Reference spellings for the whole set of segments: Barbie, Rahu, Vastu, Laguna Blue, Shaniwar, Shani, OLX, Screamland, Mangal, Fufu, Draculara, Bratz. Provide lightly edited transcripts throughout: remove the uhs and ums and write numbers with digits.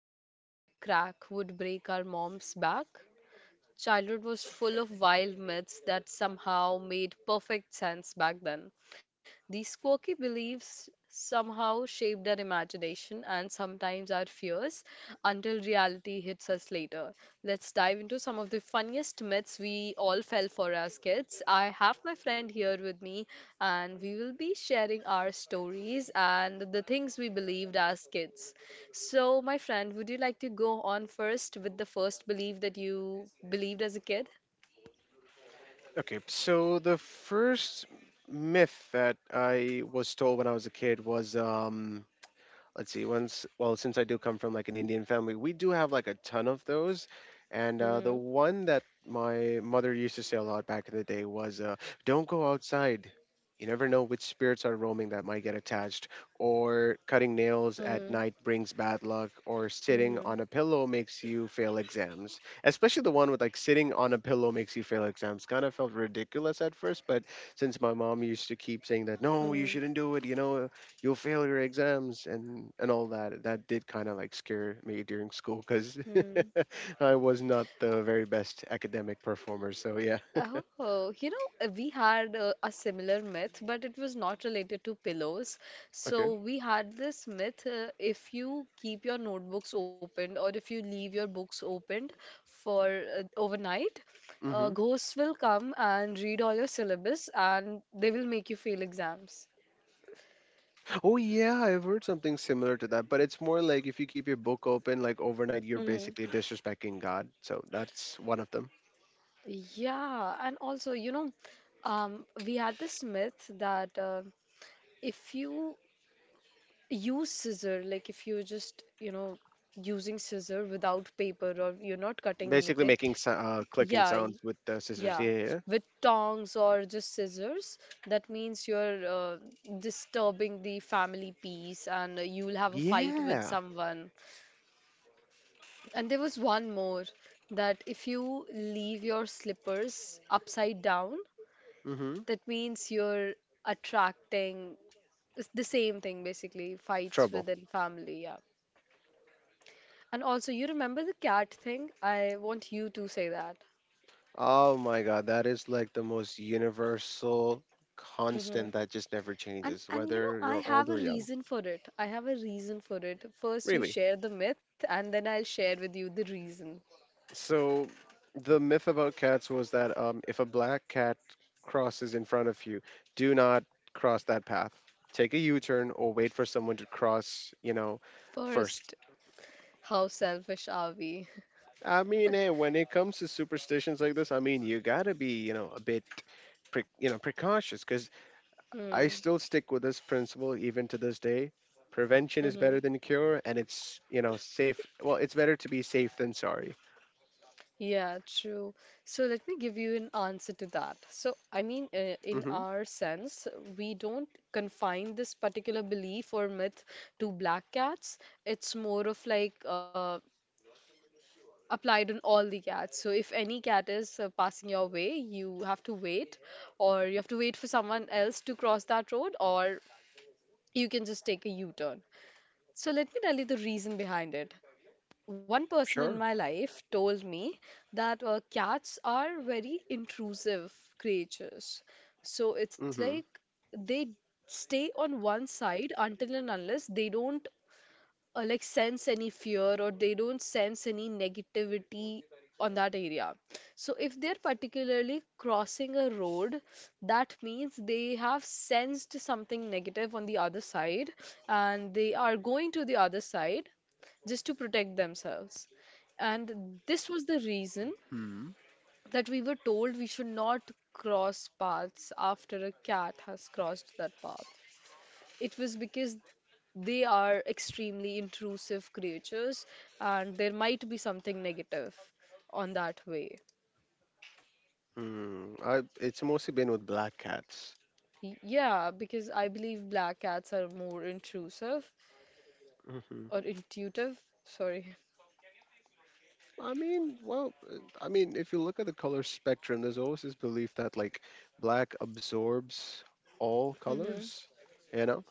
stepping on a crack would break our mom's back? Childhood was full of wild myths that somehow made perfect sense back then. These quirky beliefs somehow shaped our imagination and sometimes our fears until reality hits us later. Let's dive into some of the funniest myths we all fell for as kids. I have my friend here with me, and we will be sharing our stories and the things we believed as kids. So, my friend, would you like to go on first with the first belief that you believed as a kid? Okay, so the first myth that I was told when I was a kid was let's see. Once well since I do come from like an Indian family, we do have like a ton of those. And the Mm-hmm. one that my mother used to say a lot back in the day was don't go outside. You never know which spirits are roaming that might get attached, or cutting nails at Mm-hmm. night brings bad luck, or sitting on a Mm-hmm. pillow makes you fail exams. Especially the one with like sitting on a pillow makes you fail exams kind of felt ridiculous at first, but since my mom used to keep saying that no, you shouldn't do it, you'll fail your exams, and all that, that did kind of like scare me during school because Mm-hmm. I was not the very best academic performer, so yeah. Oh, you know, we had a similar myth, but it was not related to pillows. Okay. So we had this myth. If you keep your notebooks opened or if you leave your books opened for overnight, Mm-hmm. ghosts will come and read all your syllabus and they will make you fail exams. Oh yeah, I've heard something similar to that, but it's more like if you keep your book open like overnight, you're Hmm. basically disrespecting God, so that's one of them. Yeah, and also, you know, we had this myth that if you use scissor, like if you're just, you know, using scissor without paper or you're not cutting Basically anything, making clicking yeah y- sounds with the scissors, yeah, yeah. with tongs or just scissors, that means you're disturbing the family peace and you'll have a Yeah, fight with yeah. someone. And there was one more, that if you leave your slippers upside down, Hmm. that means you're attracting, it's the same thing, basically fights Trouble. within family, yeah. And also, you remember the cat thing? I want you to say that. Oh my God, that is like the most universal Hmm. constant that just never And changes, and you know, whether I you're old have a or young. reason for it. I have a reason for it. First, you Really. share the myth, and then I'll share with you the reason. So, the myth about cats was that if a black cat crosses in front of you, do not cross that path. Take a U turn or wait for someone to cross, you know, first. First, how selfish are we? I mean, hey, when it comes to superstitions like this, I mean, you gotta be, you know, a bit you know, precautious, because I Hmm. still stick with this principle even to this day. Prevention is better Hmm. than cure, and it's, you know, safe. Well, it's better to be safe than sorry. Yeah, true. So let me give you an answer to that. So, I mean, in Mm-hmm. our sense, we don't confine this particular belief or myth to black cats. It's more of like applied on all the cats. So if any cat is passing your way, you have to wait, or you have to wait for someone else to cross that road, or you can just take a U turn. So let me tell you the reason behind it. One person in Sure. my life told me that cats are very intrusive creatures. So it's Mm-hmm. like they stay on one side until and unless they don't like sense any fear or they don't sense any negativity on that area. So if they're particularly crossing a road, that means they have sensed something negative on the other side, and they are going to the other side just to protect themselves, and this was the reason Hmm. that we were told we should not cross paths after a cat has crossed that path. It was because they are extremely intrusive creatures, and there might be something negative on that way. Mm, it's mostly been with black cats. Yeah, because I believe black cats are more intrusive, Hmm. or intuitive. Sorry. I mean, well, I mean, if you look at the color spectrum, there's always this belief that like black absorbs all Mm-hmm. colors, you know.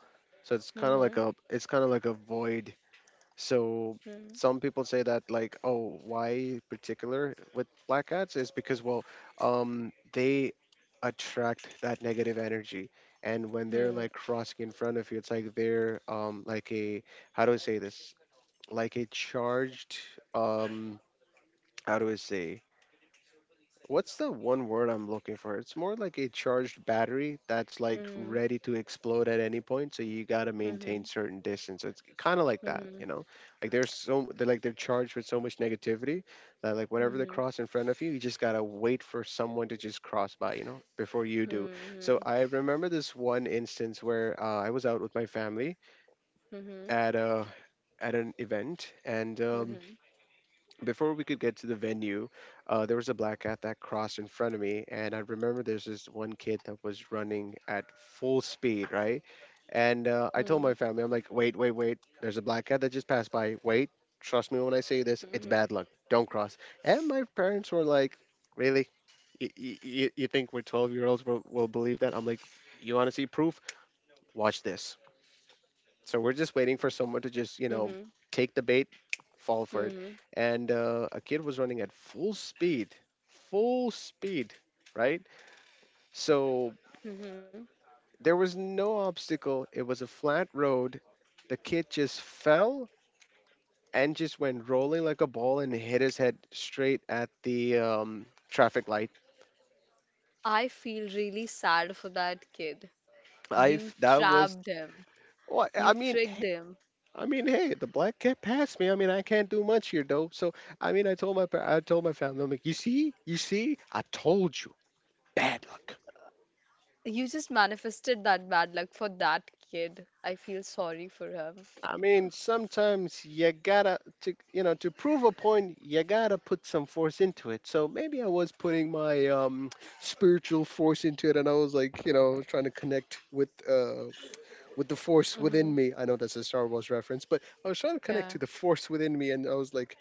So it's kind of Mm-hmm. like a, it's kind of like a void. So some people say that like, oh, why particular with black cats is because, well, they attract that negative energy, and when Mm-hmm. they're like crossing in front of you, it's like they're like a, how do I say this? Like a charged um how do I say? What's the one word I'm looking for? It's more like a charged battery that's like Hmm. ready to explode at any point, so you gotta Hmm. maintain certain distance. It's kind of like that, Mm-hmm. you know? Like there's, so they're like they're charged with so much negativity that like whenever they Mm-hmm. cross in front of you, you just gotta wait for someone to just cross by, you know, before you do. So Mm-hmm. I remember this one instance where I was out with my family Mm-hmm. at a at an event, and Mhm, mhm, before we could get to the venue, there was a black cat that crossed in front of me, and I remember there's this one kid that was running at full speed, right? And I told my mhm, family, I'm like, wait, wait, wait, there's a black cat that just passed by. Wait, trust me when I say this, it's bad luck. Don't cross. And my parents were like, really? You think we're 12-year-olds will believe that? I'm like, you want to see proof? Watch this. So we're just waiting for someone to just, you know, mhm, take the bait, fall for mhm, it. mhm, And a kid was running at full speed, right? So mhm. there was no obstacle. It was a flat road. The kid just fell and just went rolling like a ball and hit his head straight at the traffic light. I feel really sad for that kid. I You f- that was trapped him. Well, You tricked him. I mean, hey, the black cat passed me. I mean, I can't do much here, though. So, I mean, I told my family, I'm like, you see, I told you, bad luck. You just manifested that bad luck for that kid. I feel sorry for him. I mean, sometimes you gotta to, you know, to prove a point, you gotta put some force into it. So maybe I was putting my spiritual force into it, and I was like, you know, trying to connect with the force within Hmm. me. I know that's a Star Wars reference, but I was trying to connect Yeah. to the force within me, and I was like,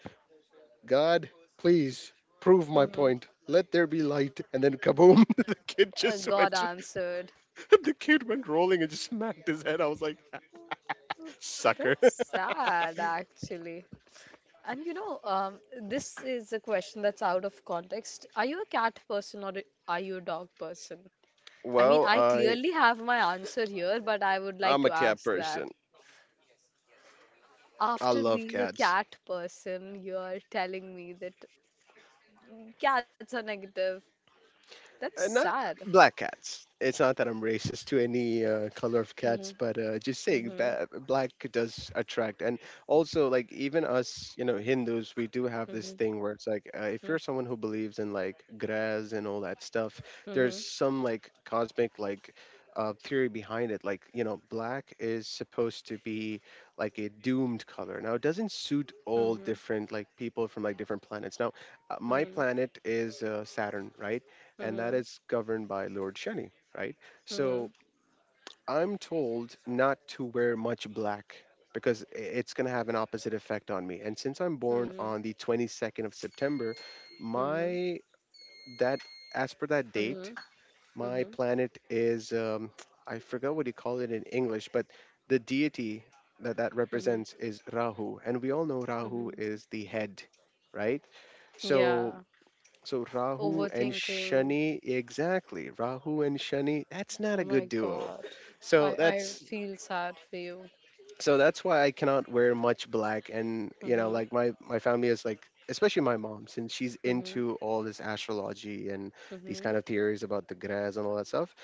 God, please prove my Hmm. point. Let there be light. And then kaboom, the kid just God went, answered. the kid went rolling and just smacked his head. I was like, "Ah, That's sucker." sad, actually. And you know, this is a question that's out of context. Are you a cat person or are you a dog person? I mean, Well, I clearly have my answer here, but I would like I'm a to cat ask person. that. I After love being a cats. cat person, you're telling me that cats are negative. That's Not sad. Black cats. It's not that I'm racist to any color of cats, Mhm, but just saying, mhm, black does attract. And also, like even us, you know, Hindus, we do have this mhm, thing where it's like, if you're mhm, someone who believes in like grass and all that stuff, there's mhm, some like cosmic like theory behind it. Like, you know, black is supposed to be like a doomed color. Now, it doesn't suit all mhm, different like people from like different planets. Now, my mhm, planet is Saturn, right? mhm, And that mhm, is governed by Lord Shani, right? So mhm, I'm told not to wear much black because it's going to have an opposite effect on me. And since I'm born mhm, on the 22nd of September, my that as per that date, mhm, my mhm, planet is I forgot what you call it in English, but the deity that mhm, represents is Rahu, and we all know Rahu mhm. is the head, right? Yeah, So so Rahu and overthinking. Shani, exactly. Rahu and Shani, that's not Oh a my good duo. God. I So I that's feel sad for you. so that's why I cannot wear much black, and you know, Mm-hmm. like my family is like, especially my mom, since she's Mm-hmm. into all this astrology and these Mm-hmm. kind of theories about the grass and all that stuff,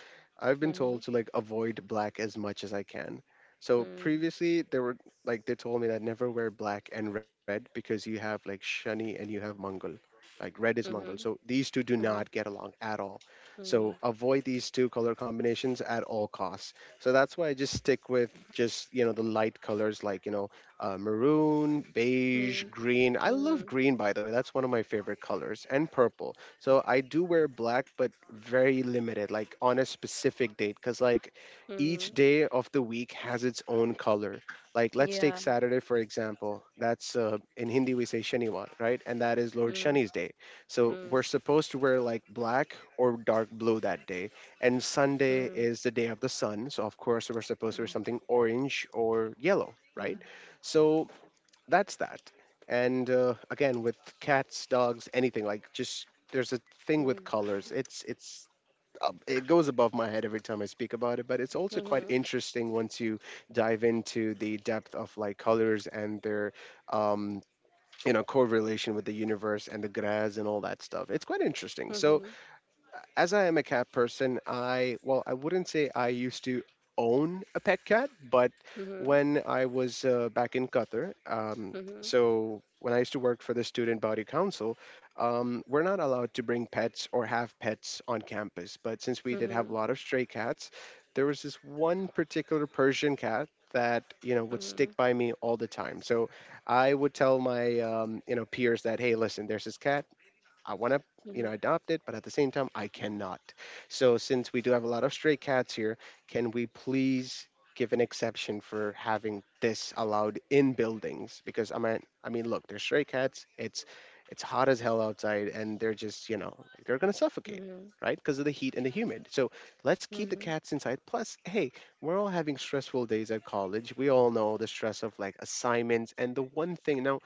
I've been told to like avoid black as much as I can. So Mm-hmm. previously they were like, they told me that never wear black and red because you have like Shani and you have Mangal. Like red is Mm-hmm. Mangal, so these two do Mm-hmm. not get along at all. So Mm-hmm. avoid these two color combinations at all costs. So that's why I just stick with just, you know, the light colors, like, you know, maroon, Mm-hmm. Mm-hmm. beige, green. I love green, by the way. That's one of my favorite colors, and purple. So I do wear black, but very limited, like on a specific date, because like Mm-hmm. each day of the week has its own color. Like let's take Yeah. Saturday for example. That's in Hindi we say Shaniwar, right? And that is Lord Mm-hmm. Shani's day. So we're supposed to wear like black or dark blue that day, and Sunday Mm-hmm. is the day of the sun. So of course we're supposed to wear something orange or yellow, right? Mm-hmm. So that's that. And again, with cats, dogs, anything, like, just there's a thing with colors. It's it goes above my head every time I speak about it, but it's also quite Mm-hmm. interesting once you dive into the depth of like colors and their um, you know, correlation with the universe and the grass and all that stuff. It's quite interesting. So Mhm. as I am a cat person, I, well, I wouldn't say I used to own a pet cat, but Mhm. when I was back in Qatar, Mhm. so when I used to work for the student body council, we're not allowed to bring pets or have pets on campus. But since we did have a Mhm. lot of stray cats, there was this one particular Persian cat that, you know, would Mhm. stick by me all the time. So I would tell my you know, peers that, hey, listen, there's this cat. I want to, you Mhm. know, adopt it, but at the same time, I cannot. So since we do have a lot of stray cats here, can we please give an exception for having this allowed in buildings? Because I mean, look, they're stray cats. It's hot as hell outside, and they're just, you know, like, they're gonna suffocate. Mhm. Right, because of the heat and the humid. So let's keep the Mhm. cats inside. Plus, hey, we're all having stressful days at college. We all know the stress of like assignments, and the one thing now,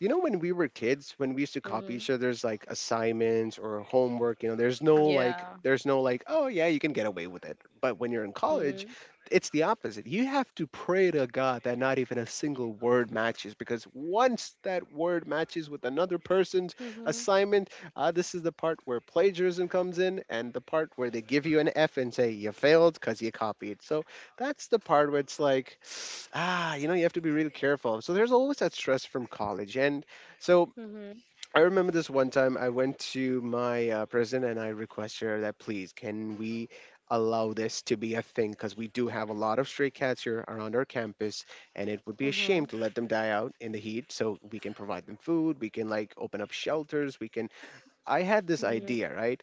you know, when we were kids, when we used to copy Mhm. each other's like assignments or homework, you know, Yeah. there's no like, oh yeah, you can get away with it. But when you're in college, Mhm. it's the opposite. You have to pray to God that not even a single word matches, because once that word matches with another person's Mhm. assignment, this is the part where plagiarism comes in, and the part where they give you an F and say you failed because you copied. So that's the part where it's like, you have to be really careful. So there's always that stress from college. And so Mhm. I remember this one time I went to my president and I requested her that please, can we allow this to be a thing? Because we do have a lot of stray cats here around our campus and it would be a shame Mhm. to let them die out in the heat. So we can provide them food, we can like open up shelters, we can I had this Mhm. idea, right?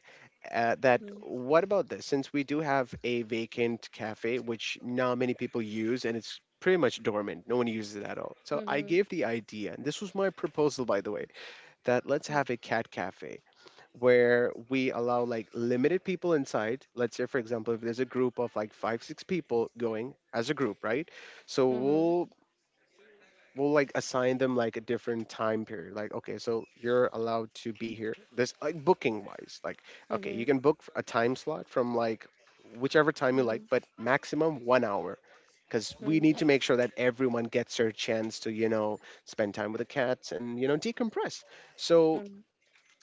That what about this? Since we do have a vacant cafe, which not many people use, and it's pretty much dormant, no one uses it at all. So I Mhm. gave the idea, and this was my proposal, by the way, that let's have a cat cafe where we allow like limited people inside. Let's say, for example, if there's a group of like five, six people going as a group, right? So Mhm. we'll we'll like assign them like a different time period, like okay, so you're allowed to be here this, like, booking wise, like Mhm. okay, you Mhm. can book a time slot from like whichever time you like, but maximum 1 hour, because we Mhm. need to make sure that everyone gets their chance to, you know, spend time with the cats and, you know, decompress. So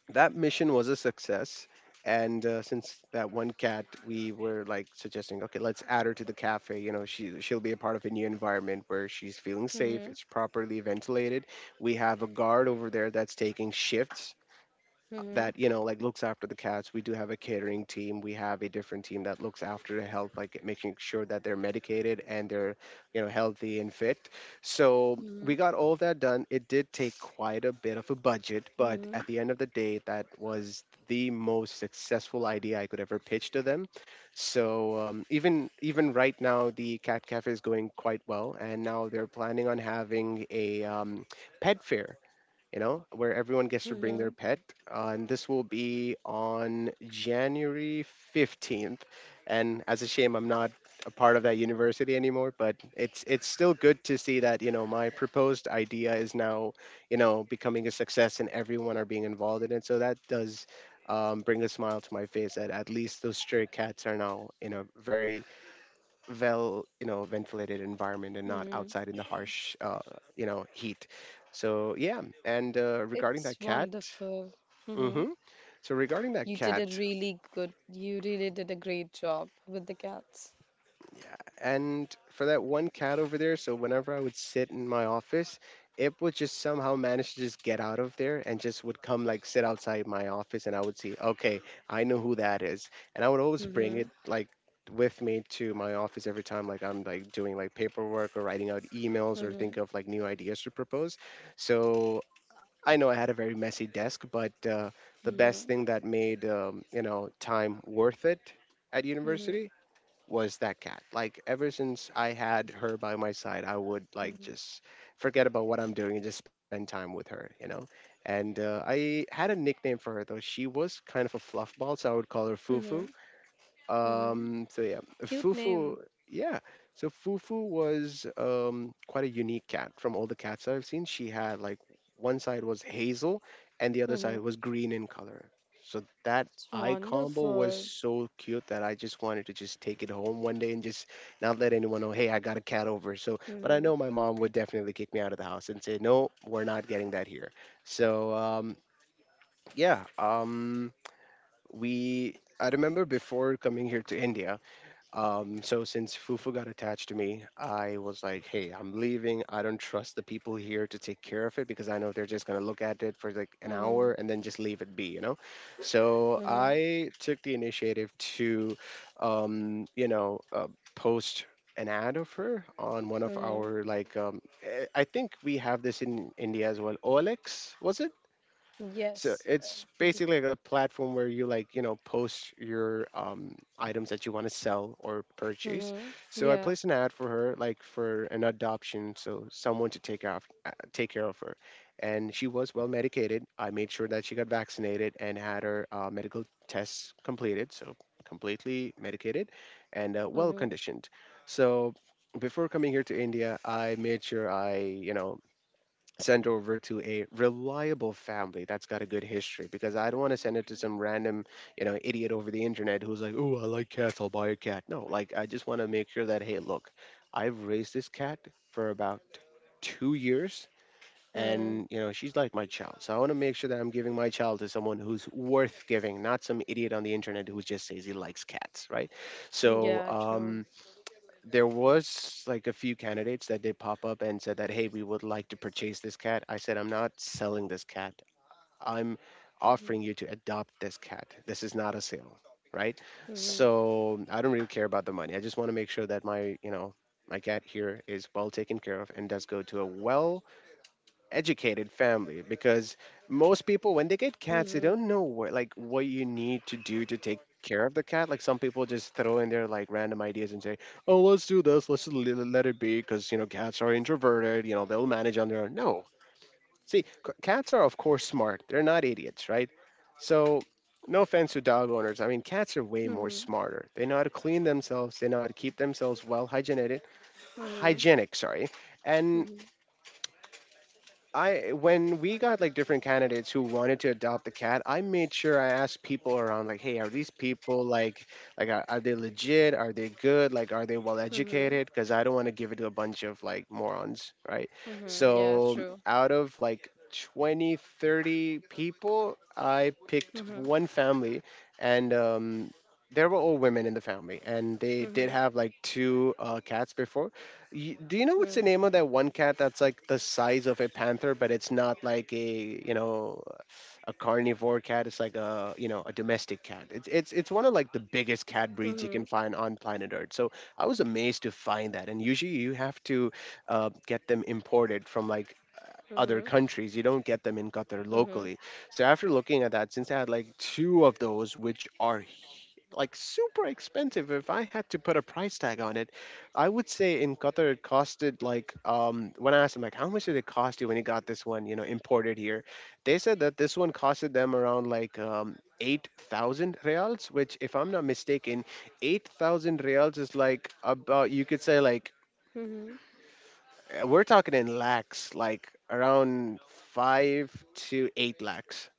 that mission was a success. And since that one cat, we were like suggesting okay, let's add her to the cafe, you know, she'll be a part of a new environment where she's feeling Mhm. Mhm. Mhm. safe, Mhm. it's properly ventilated, we have a guard over there that's taking shifts that, you know, like looks after the cats. We do have a catering team, we have a different team that looks after the health, like making sure that they're medicated and they're, you know, healthy and fit. So we Mhm. got all of that done. It did take quite a bit of a budget, but Mhm. at the end of the day that was the most successful idea I could ever pitch to them. So even right now the cat cafe is going quite well, and now they're planning on having a pet fair, you know, where everyone gets to bring their Mhm. pet. And this will be on January 15th. And as a shame, I'm not a part of that university anymore, but it's still good to see that, you know, my proposed idea is now, you know, becoming a success and everyone are being involved in it. So that does bring a smile to my face, that at least those stray cats are now in a very well, you know, ventilated environment and not Mhm. outside in the harsh you know, heat. So yeah, and It's regarding that cat, wonderful. Mhm. hmm so regarding You that did a cat really good, you really did a great job with the cats. and for that one cat over there, so whenever I would sit in my office, it would just somehow manage to just get out of there and just would come like sit outside my office, and I would see okay, I know who that is. And I would always bring it Mhm. like with me to my office every time, like I'm like doing like paperwork or writing out emails or Mhm. think of like new ideas to propose. So I know I had a very messy desk, but the Mhm. best thing that made, you know, time worth it at Mhm. university was that cat. Like ever since I had her by my side, I would like Mhm. just forget about what I'm doing and just spend time with her, you know. And I had a nickname for her though. She was kind of a fluffball, so I would call her Mm-hmm. Fufu. Mm-hmm. So yeah, Cute Fufu. name. Yeah, so Fufu was quite a unique cat from all the cats that I've seen. She had like one side was hazel and the other side Mm-hmm. was green in color. So that It's eye combo was wonderful. so cute that I just wanted to just take it home one day and just not let anyone know, hey, I got a cat over. So, but I Mm-hmm. know my mom would definitely kick me out of the house and say, no, we're not getting that here. So yeah, um, we. I remember before coming here to India, so since Fufu got attached to me, I was like, "Hey, I'm leaving. I don't trust the people here to take care of it because I know they're just gonna look at it for like an Mm-hmm. hour and then just leave it be, you know." So Mm-hmm. I took the initiative to, um, you know, uh, post an ad of her on one of Mm-hmm. our like, I think we have this in India as well. OLX was it? So Yes. it's basically like a platform where you like, you know, post your items that you want to sell or purchase. Mm-hmm. So I Yeah. placed an ad for her, like for an adoption, so someone to take off, take care of her. And she was well medicated. I made sure that she got vaccinated and had her medical tests completed, so completely medicated and well Mm-hmm. conditioned. So before coming here to India, I made sure I, you know, send over to a reliable family that's got a good history, because I don't want to send it to some random, you know, idiot over the internet who's like, "Oh, I like cats, I'll buy a cat." No, like I just want to make sure that hey, look, I've raised this cat for about 2 years, Mm. and, you know, she's like my child. So I want to make sure that I'm giving my child to someone who's worth giving, not some idiot on the internet who just says he likes cats, right? So, Yeah, true. There was like a few candidates that did pop up and said that hey, we would like to purchase this cat. I said I'm not selling this cat, I'm Mm-hmm. offering you to adopt this cat. This is not a sale, right? Mm-hmm. So I don't really care about the money, I just want to make sure that my, you know, my cat here is well taken care of and does go to a well educated family, because most people when they get cats Mm-hmm. they don't know what, like what you need to do to take care of the cat. Like some people just throw in their like random ideas and say oh let's do this, let's just let it be, because you know cats are introverted, you know they'll manage on their own. No, see cats are of course smart, they're not idiots, right? So no offense to dog owners, I mean cats are way more Mm-hmm. smarter, they know how to clean themselves, they know how to keep themselves well hygienic, Mm-hmm. hygienic, sorry. And Mm-hmm. I when we got like different candidates who wanted to adopt the cat, I made sure I asked people around like, hey, are these people like are they legit? Are they good? Like are they well Mm-hmm. educated? Because I don't want to give it to a bunch of like morons, right? Mm-hmm. Yeah, So true. out of like 20, 30 people, I picked Mm-hmm. one family, and there were all women in the family, and they did Mm-hmm. have like two cats before. Do you know what's Mm-hmm. the name of that one cat that's like the size of a panther, but it's not like a, you know, a carnivore cat. It's like a, you know, a domestic cat. It's one of like the biggest cat breeds you Mm-hmm. can find on planet Earth. So I was amazed to find that. And usually you have to get them imported from like other Mm-hmm. countries. You don't get them in Qatar Mm-hmm. locally. So after looking at that, since I had like two of those, which are like super expensive, if I had to put a price tag on it, I would say in Qatar it costed like, when I asked them like how much did it cost you when you got this one, you know, imported here, they said that this one costed them around like, 8,000 reals, which if I'm not mistaken, 8,000 reals is like about, you could say like, Mm-hmm. We're talking in lakhs, like around five to eight lakhs.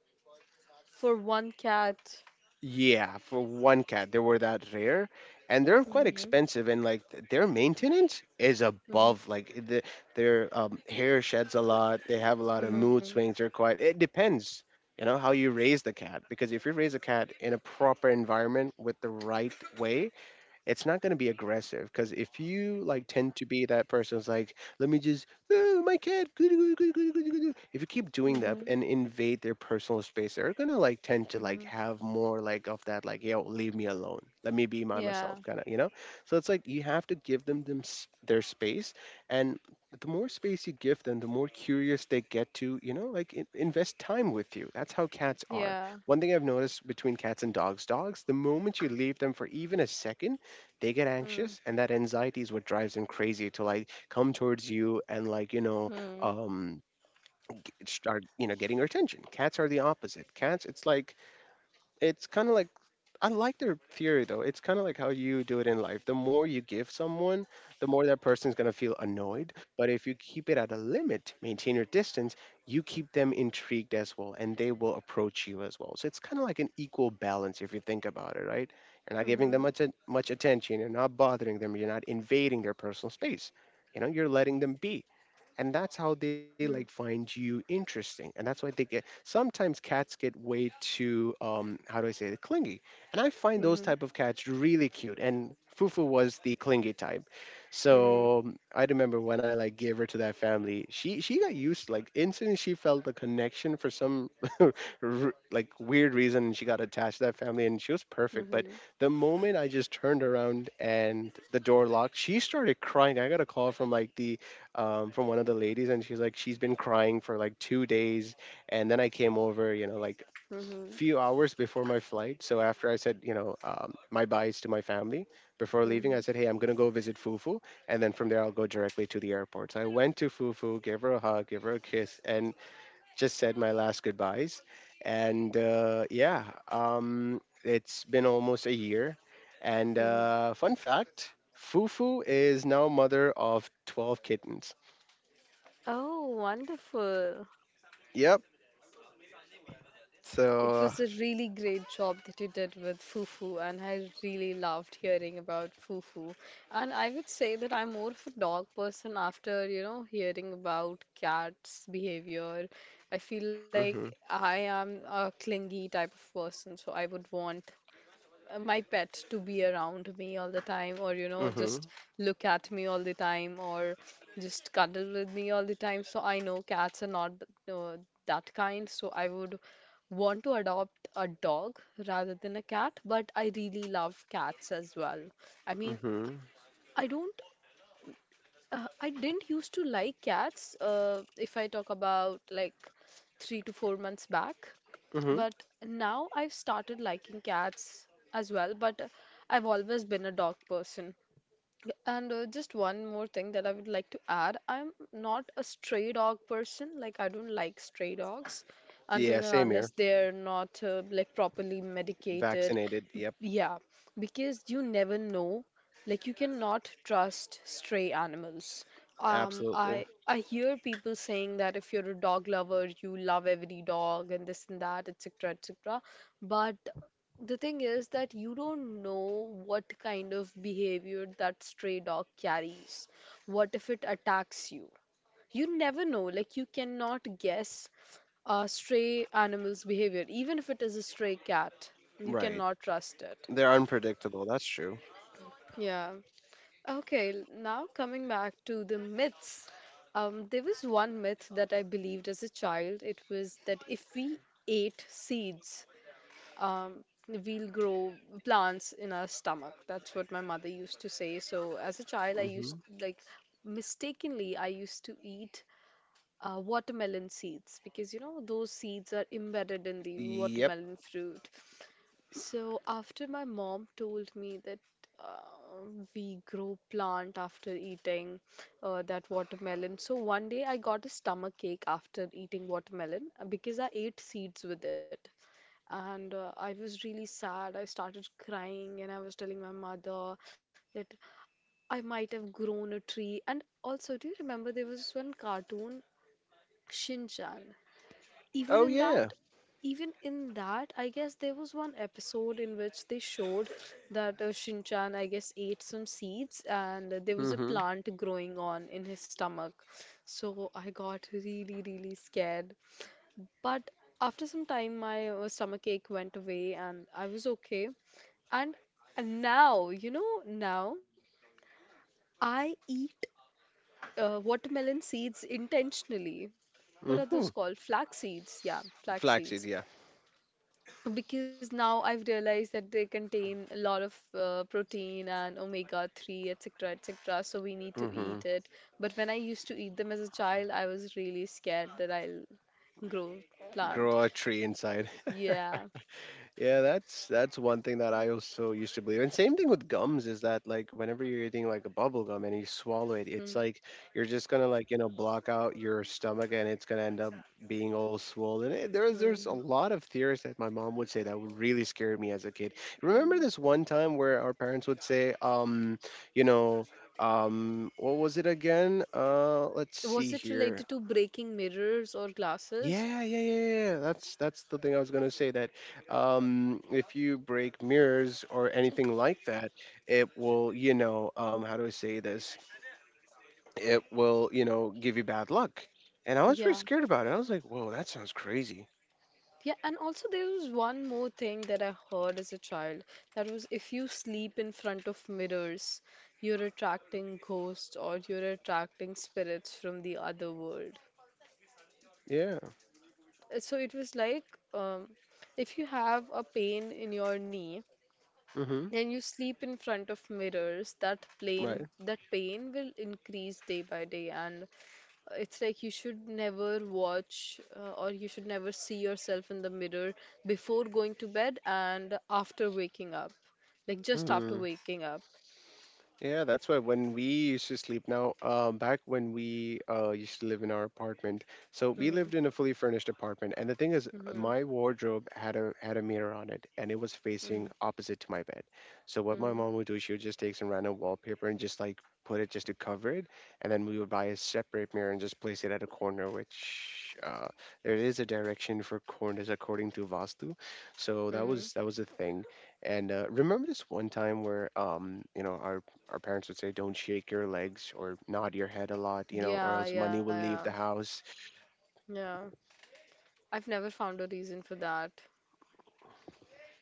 For one cat. Yeah, for one cat, they were that rare, and they're quite Mm-hmm. expensive. And like their maintenance is Mm-hmm. above. Like the, their hair sheds a lot. They have a lot of Mm-hmm. mood swings. They're quite. It depends, you know, how you raise the cat. Because if you raise a cat in a proper environment with the right way, it's not going to be aggressive. Because if you tend to be that person who's like, "Let me just, oh, my cat," if you keep doing that Mm-hmm. and invade their personal space, they're going to tend to Mm-hmm. Have more of that, like, "Yo, leave me alone, let me be my Yeah. myself," kind of, so it's like you have to give them, their space. And the more space you give them, the more curious they get to, like, invest time with you. That's how cats are. Yeah. One thing I've noticed between cats and dogs, dogs, the moment you leave them for even a second, they get Mhm. anxious, and that anxiety is what drives them crazy to come towards you and Mhm. um start, getting your attention. Cats are the opposite. Cats, it's like, it's kind of like I like their theory though. It's kind of like how you do it in life. The more you give someone, the more that person's going to feel annoyed. But if you keep it at a limit, maintain your distance, you keep them intrigued as well, and they will approach you as well. So it's kind of like an equal balance if you think about it, right? You're not giving them Mhm. much, much attention, you're not bothering them, you're not invading their personal space. You know, you're letting them be, and that's how they Mhm. find you interesting. And that's why they get, sometimes cats get way too, how do I say it, clingy. And I find those Mhm. type of cats really cute, and Fufu was the clingy type. Mhm. So I remember when I gave her to that family, she got used like instantly. She felt a connection for some like weird reason, and she got attached to that family, and she was perfect. But Mhm. the moment I just turned around and the door locked, she started crying. I got a call from like the from one of the ladies, and she's like, "She's been crying for like 2 days," and then I came over, you know, like Mhm. few hours before my flight. So after I said, you know, my byes to my family before leaving, I Mhm. said, "Hey, I'm gonna go visit Fufu," and then from there I'll go directly to the airport. So I went to Fufu, gave her a hug, gave her a kiss, and just said my last goodbyes. And uh, yeah, it's been almost a year. And Mhm. Fun fact, Fufu is now mother of 12 kittens. Oh, wonderful. Yep. It So. was a really great job that you did with Fufu, and I really loved hearing about Fufu. And I would say that I'm more of a dog person after, you know, hearing about cats' behavior. I feel Mhm. like I am a clingy type of person, so I would want my pet to be around me all the time, or you know, just Mhm. look at me all the time, or just cuddle with me all the time. So I know cats are not uh, that kind, so I would want to adopt a dog rather than a cat, but I really love cats as well. I mean, Mhm. I don't, I didn't used to like cats, if I talk about like 3 to 4 months back, Mhm. but now I've started liking cats as well. But I've always been a dog person. And just one more thing that I would like to add, I'm not a stray dog person. Like, I don't like stray dogs until Yeah, and same unless here. they're not like properly medicated. Vaccinated. Yep. Yeah, because you never know. Like, you cannot trust stray animals. Absolutely. I hear people saying that if you're a dog lover, you love every dog and this and that, etc., etc. But the thing is that you don't know what kind of behavior that stray dog carries. What if it attacks you? You never know. Like, you cannot guess a stray animal's behavior, even if it is a stray cat. You Right. cannot trust it. They're unpredictable. That's true. Yeah. Okay, now coming back to the myths. There was one myth that I believed as a child. It was that if we ate seeds, we'll grow plants in our stomach. That's what my mother used to say. So as a child, I Mhm. used like, mistakenly I used to eat watermelon seeds, because you know those seeds are embedded in the Yep. watermelon fruit. So after my mom told me that uh, we grow plant after eating that watermelon, so one day I got a stomach ache after eating watermelon, because I ate seeds with it. And I was really sad. I started crying and I was telling my mother that I might have grown a tree. And also, do you remember there was one cartoon, Shin Chan? Even Oh in that, yeah. I guess there was one episode in which they showed that Shinchan, I guess, ate some seeds and there was a plant growing on in his stomach. So I got really, really scared. But after some time my stomach ache went away and I was okay. And now, you know now I eat watermelon seeds intentionally. What are Mhm. those called? Flax seeds. Yeah, flax Flaxseed. seeds. Yeah. Because now I've realized that they contain a lot of protein and omega-3, etc., etc., so we need to Mhm. eat it. But when I used to eat them as a child, I was really scared that I'll grow plant. Grow a tree inside. Yeah. Yeah, that's one thing that I also used to believe. And same thing with gums, is that like whenever you're eating like a bubble gum and you swallow it, Mm, it's like you're just gonna like, you know, block out your stomach and it's gonna end up being all swollen. There's a mm, lot of theories that my mom would say that would really scare me as a kid. Remember mm. this one time where our parents would say, you know, what was it again? Let's see Was it here. related to breaking mirrors or glasses? Yeah. That's the thing I was gonna say. That if you break mirrors or anything like that, it will, you know, how do I say this? It will, you know, give you bad luck. And I was pretty Yeah. scared about it. I was like, "Whoa, that sounds crazy." Yeah, and also there was one more thing that I heard as a child. That was if you sleep in front of mirrors, you're attracting ghosts or you're attracting spirits from the other world. Yeah. So it was like, um, if you have a pain in your knee Mm-hmm. and you sleep in front of mirrors, that Right. pain, that pain will increase day by day. And it's like you should never watch, or you should never see yourself in the mirror before going to bed and after waking up. Like just after Hmm. waking up. Yeah, that's why when we used to sleep now, back when we used to live in our apartment, so we Mm-hmm. lived in a fully furnished apartment, and the thing is, Mm-hmm. my wardrobe had a mirror on it, and it was facing Mm-hmm. opposite to my bed. So what my Mm-hmm. mom would do, she would just take some random wallpaper and just like put it just to cover it, and then we would buy a separate mirror and just place it at a corner, which there is a direction for corners according to Vastu. So Mm-hmm. That was a thing. And remember this one time where you know our parents would say, "Don't shake your legs or nod your head a lot, you know, or Yeah, yeah, else money will yeah. leave the house." Yeah. I've never found a reason for that.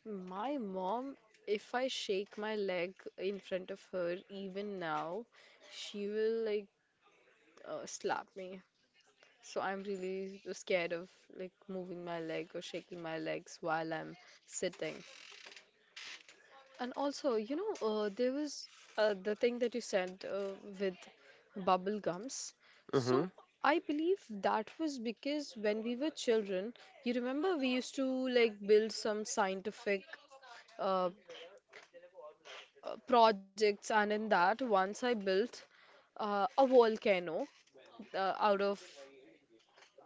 My mom, if I shake my leg in front of her, even now, she will like slap me. So I'm really scared of like moving my leg or shaking my legs while I'm sitting. And also, you know, there was the thing that you said with bubble gums. Hmm. So I believe that was because when we were children, you remember we used to like build some scientific, uh, projects, and in that, once I built a volcano out of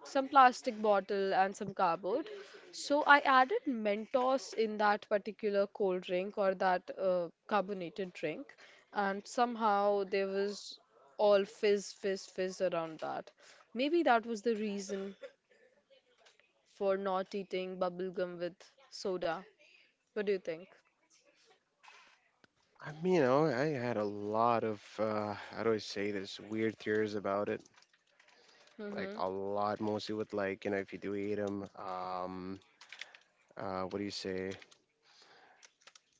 some plastic bottle and some cardboard. So I added Mentos in that particular cold drink or that carbonated drink, and somehow there was all fizz, fizz, fizz around that. Maybe that was the reason for not eating bubble gum with soda. What do you think? I mean, you know, I had a lot of how do I say this, weird theories about it, Mm-hmm. like a lot, mostly with like, you know, if you do eat them, what do you say?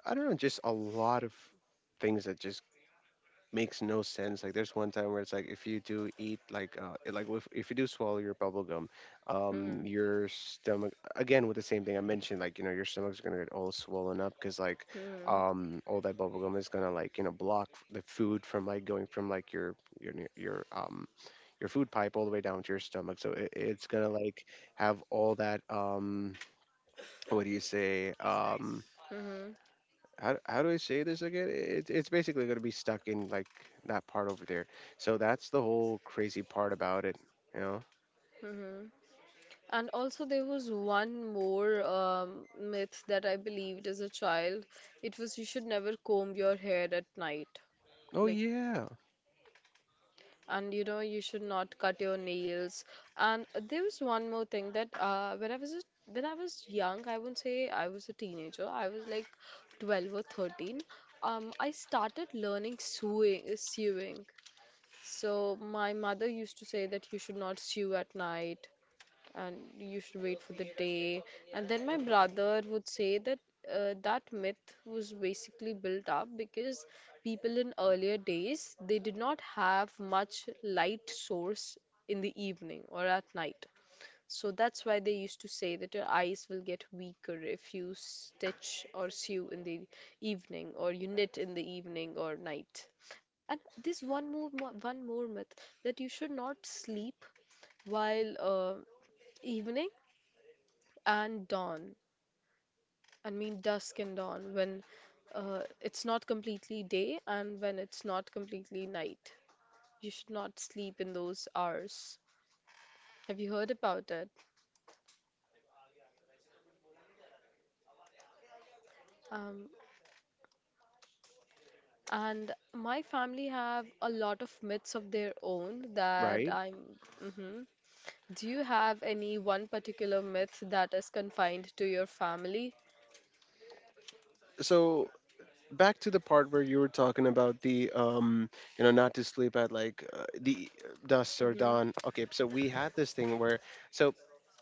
I don't know, just a lot of things that just makes no sense. Like there's one time where it's like if you do eat like like if you do swallow your bubble gum, Mm-hmm. Your stomach, again with the same thing I mentioned, like, you know, your stomach's gonna get all swollen up, because all that bubble gum is gonna like, you know, block the food from going from like your your ne- your um your food pipe all the way down to your stomach. So it's gonna like have all that what do you say Mm-hmm. How do I say this again? It's basically going to be stuck in like that part over there. So that's the whole crazy part about it, you know. Mm-hmm. And also, there was one more myth that I believed as a child. It was you should never comb your hair at night. Oh Like, yeah, and you know, you should not cut your nails. And there was one more thing that when I was young. I wouldn't say I was a teenager. I was like 12 or 13. I started learning sewing, sewing. So my mother used to say that you should not sew at night and you should wait for the day. And then my brother would say that that myth was basically built up because people in earlier days, they did not have much light source in the evening or at night. So that's why they used to say that your eyes will get weaker if you stitch or sew in the evening, or you knit in the evening or night. And this one more one more myth, that you should not sleep while evening and dawn I mean dusk and dawn, when it's not completely day and when it's not completely night, you should not sleep in those hours. Have you heard about it? Um, and my family have a lot of myths of their own that right. I'm, hmm, do you have any one particular myth that is confined to your family? So back to the part where you were talking about the you know, not to sleep at like the dusk or Mm-hmm, dawn. Okay, so we had this thing where, so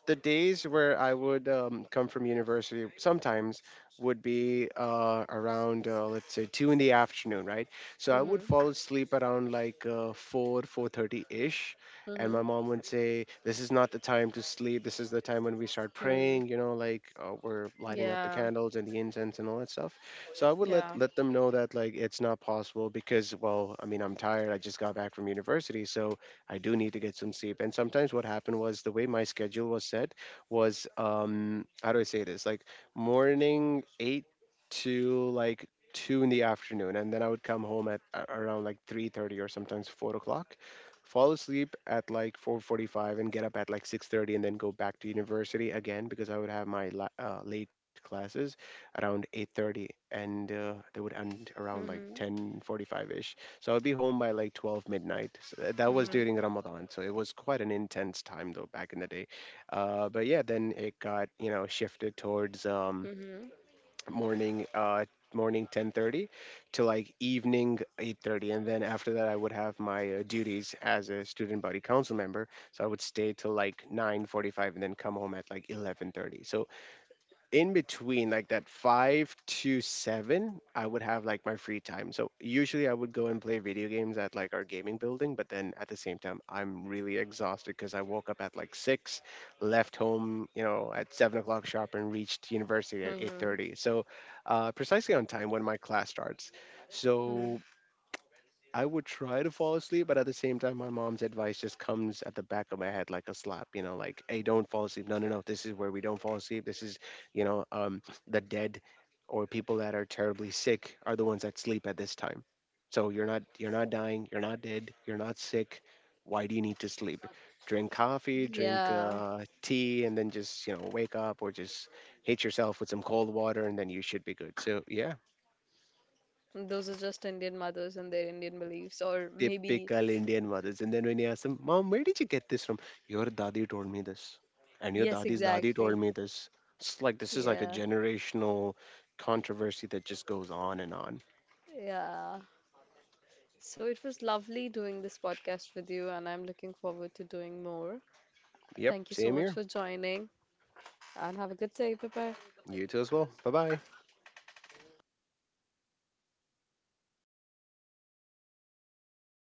the days where I would come from university sometimes would be around let's say two in the afternoon, right? So I would mm-hmm, fall asleep around like 4, 4:30 ish, and mm-hmm, my mom would say, "This is not the time to sleep. This is the time when we start mm-hmm. praying. You know, like we're lighting up the Yeah. candles and the incense and all that stuff." So I would Yeah. let them know that like it's not possible, because well, I mean, I'm tired. I just got back from university, so I do need to get some sleep. And sometimes what happened was, the way my schedule was set was, how do I say this? Like morning eight to like two in the afternoon, and then I would come home around like 3:30 or sometimes 4 o'clock. Fall asleep at like 4:45 and get up at like 6:30, and then go back to university again, because I would have my late classes around 8:30, and they would end around like Mm-hmm, 10:45ish, so I'd be home by like 12 midnight. So that was mm-hmm, during Ramadan. So it was quite an intense time though, back in the day. But yeah, then it got, you know, shifted towards mm-hmm, morning uh, morning 10:30 to like evening 8:30, and then after that I would have my duties as a student body council member. So I would stay till like 9:45 and then come home at like 11:30. So in between like that five to seven, I would have like my free time. So usually I would go and play video games at like our gaming building, but then at the same time, I'm really exhausted because I woke up at like six, left home, you know, at 7 o'clock sharp and reached university at eight mm-hmm. thirty. So precisely on time when my class starts. So Hmm. I would try to fall asleep, but at the same time, my mom's advice just comes at the back of my head like a slap, you know, like, "Hey, don't fall asleep. No, no, no. This is where we don't fall asleep. This is, you know, the dead or people that are terribly sick are the ones that sleep at this time. So you're not, you're not dying, you're not dead, you're not sick. Why do you need to sleep? Drink coffee, drink Yeah, tea, and then just, you know, wake up, or just hit yourself with some cold water, and then you should be good." So yeah, those are just Indian mothers and their Indian beliefs, or maybe, typical Indian mothers. And then when you ask them, "Mom, where did you get this from?" "Your daddy told me this. And your daddy's yes, daddy told me exactly. this." It's like this is like a Yeah, generational controversy that just goes on and on. yeah. So it was lovely doing this podcast with you, and I'm looking forward to doing more. Yep, Thank you so same much here. for joining, and have a good day. Bye bye. You too as well. Bye bye.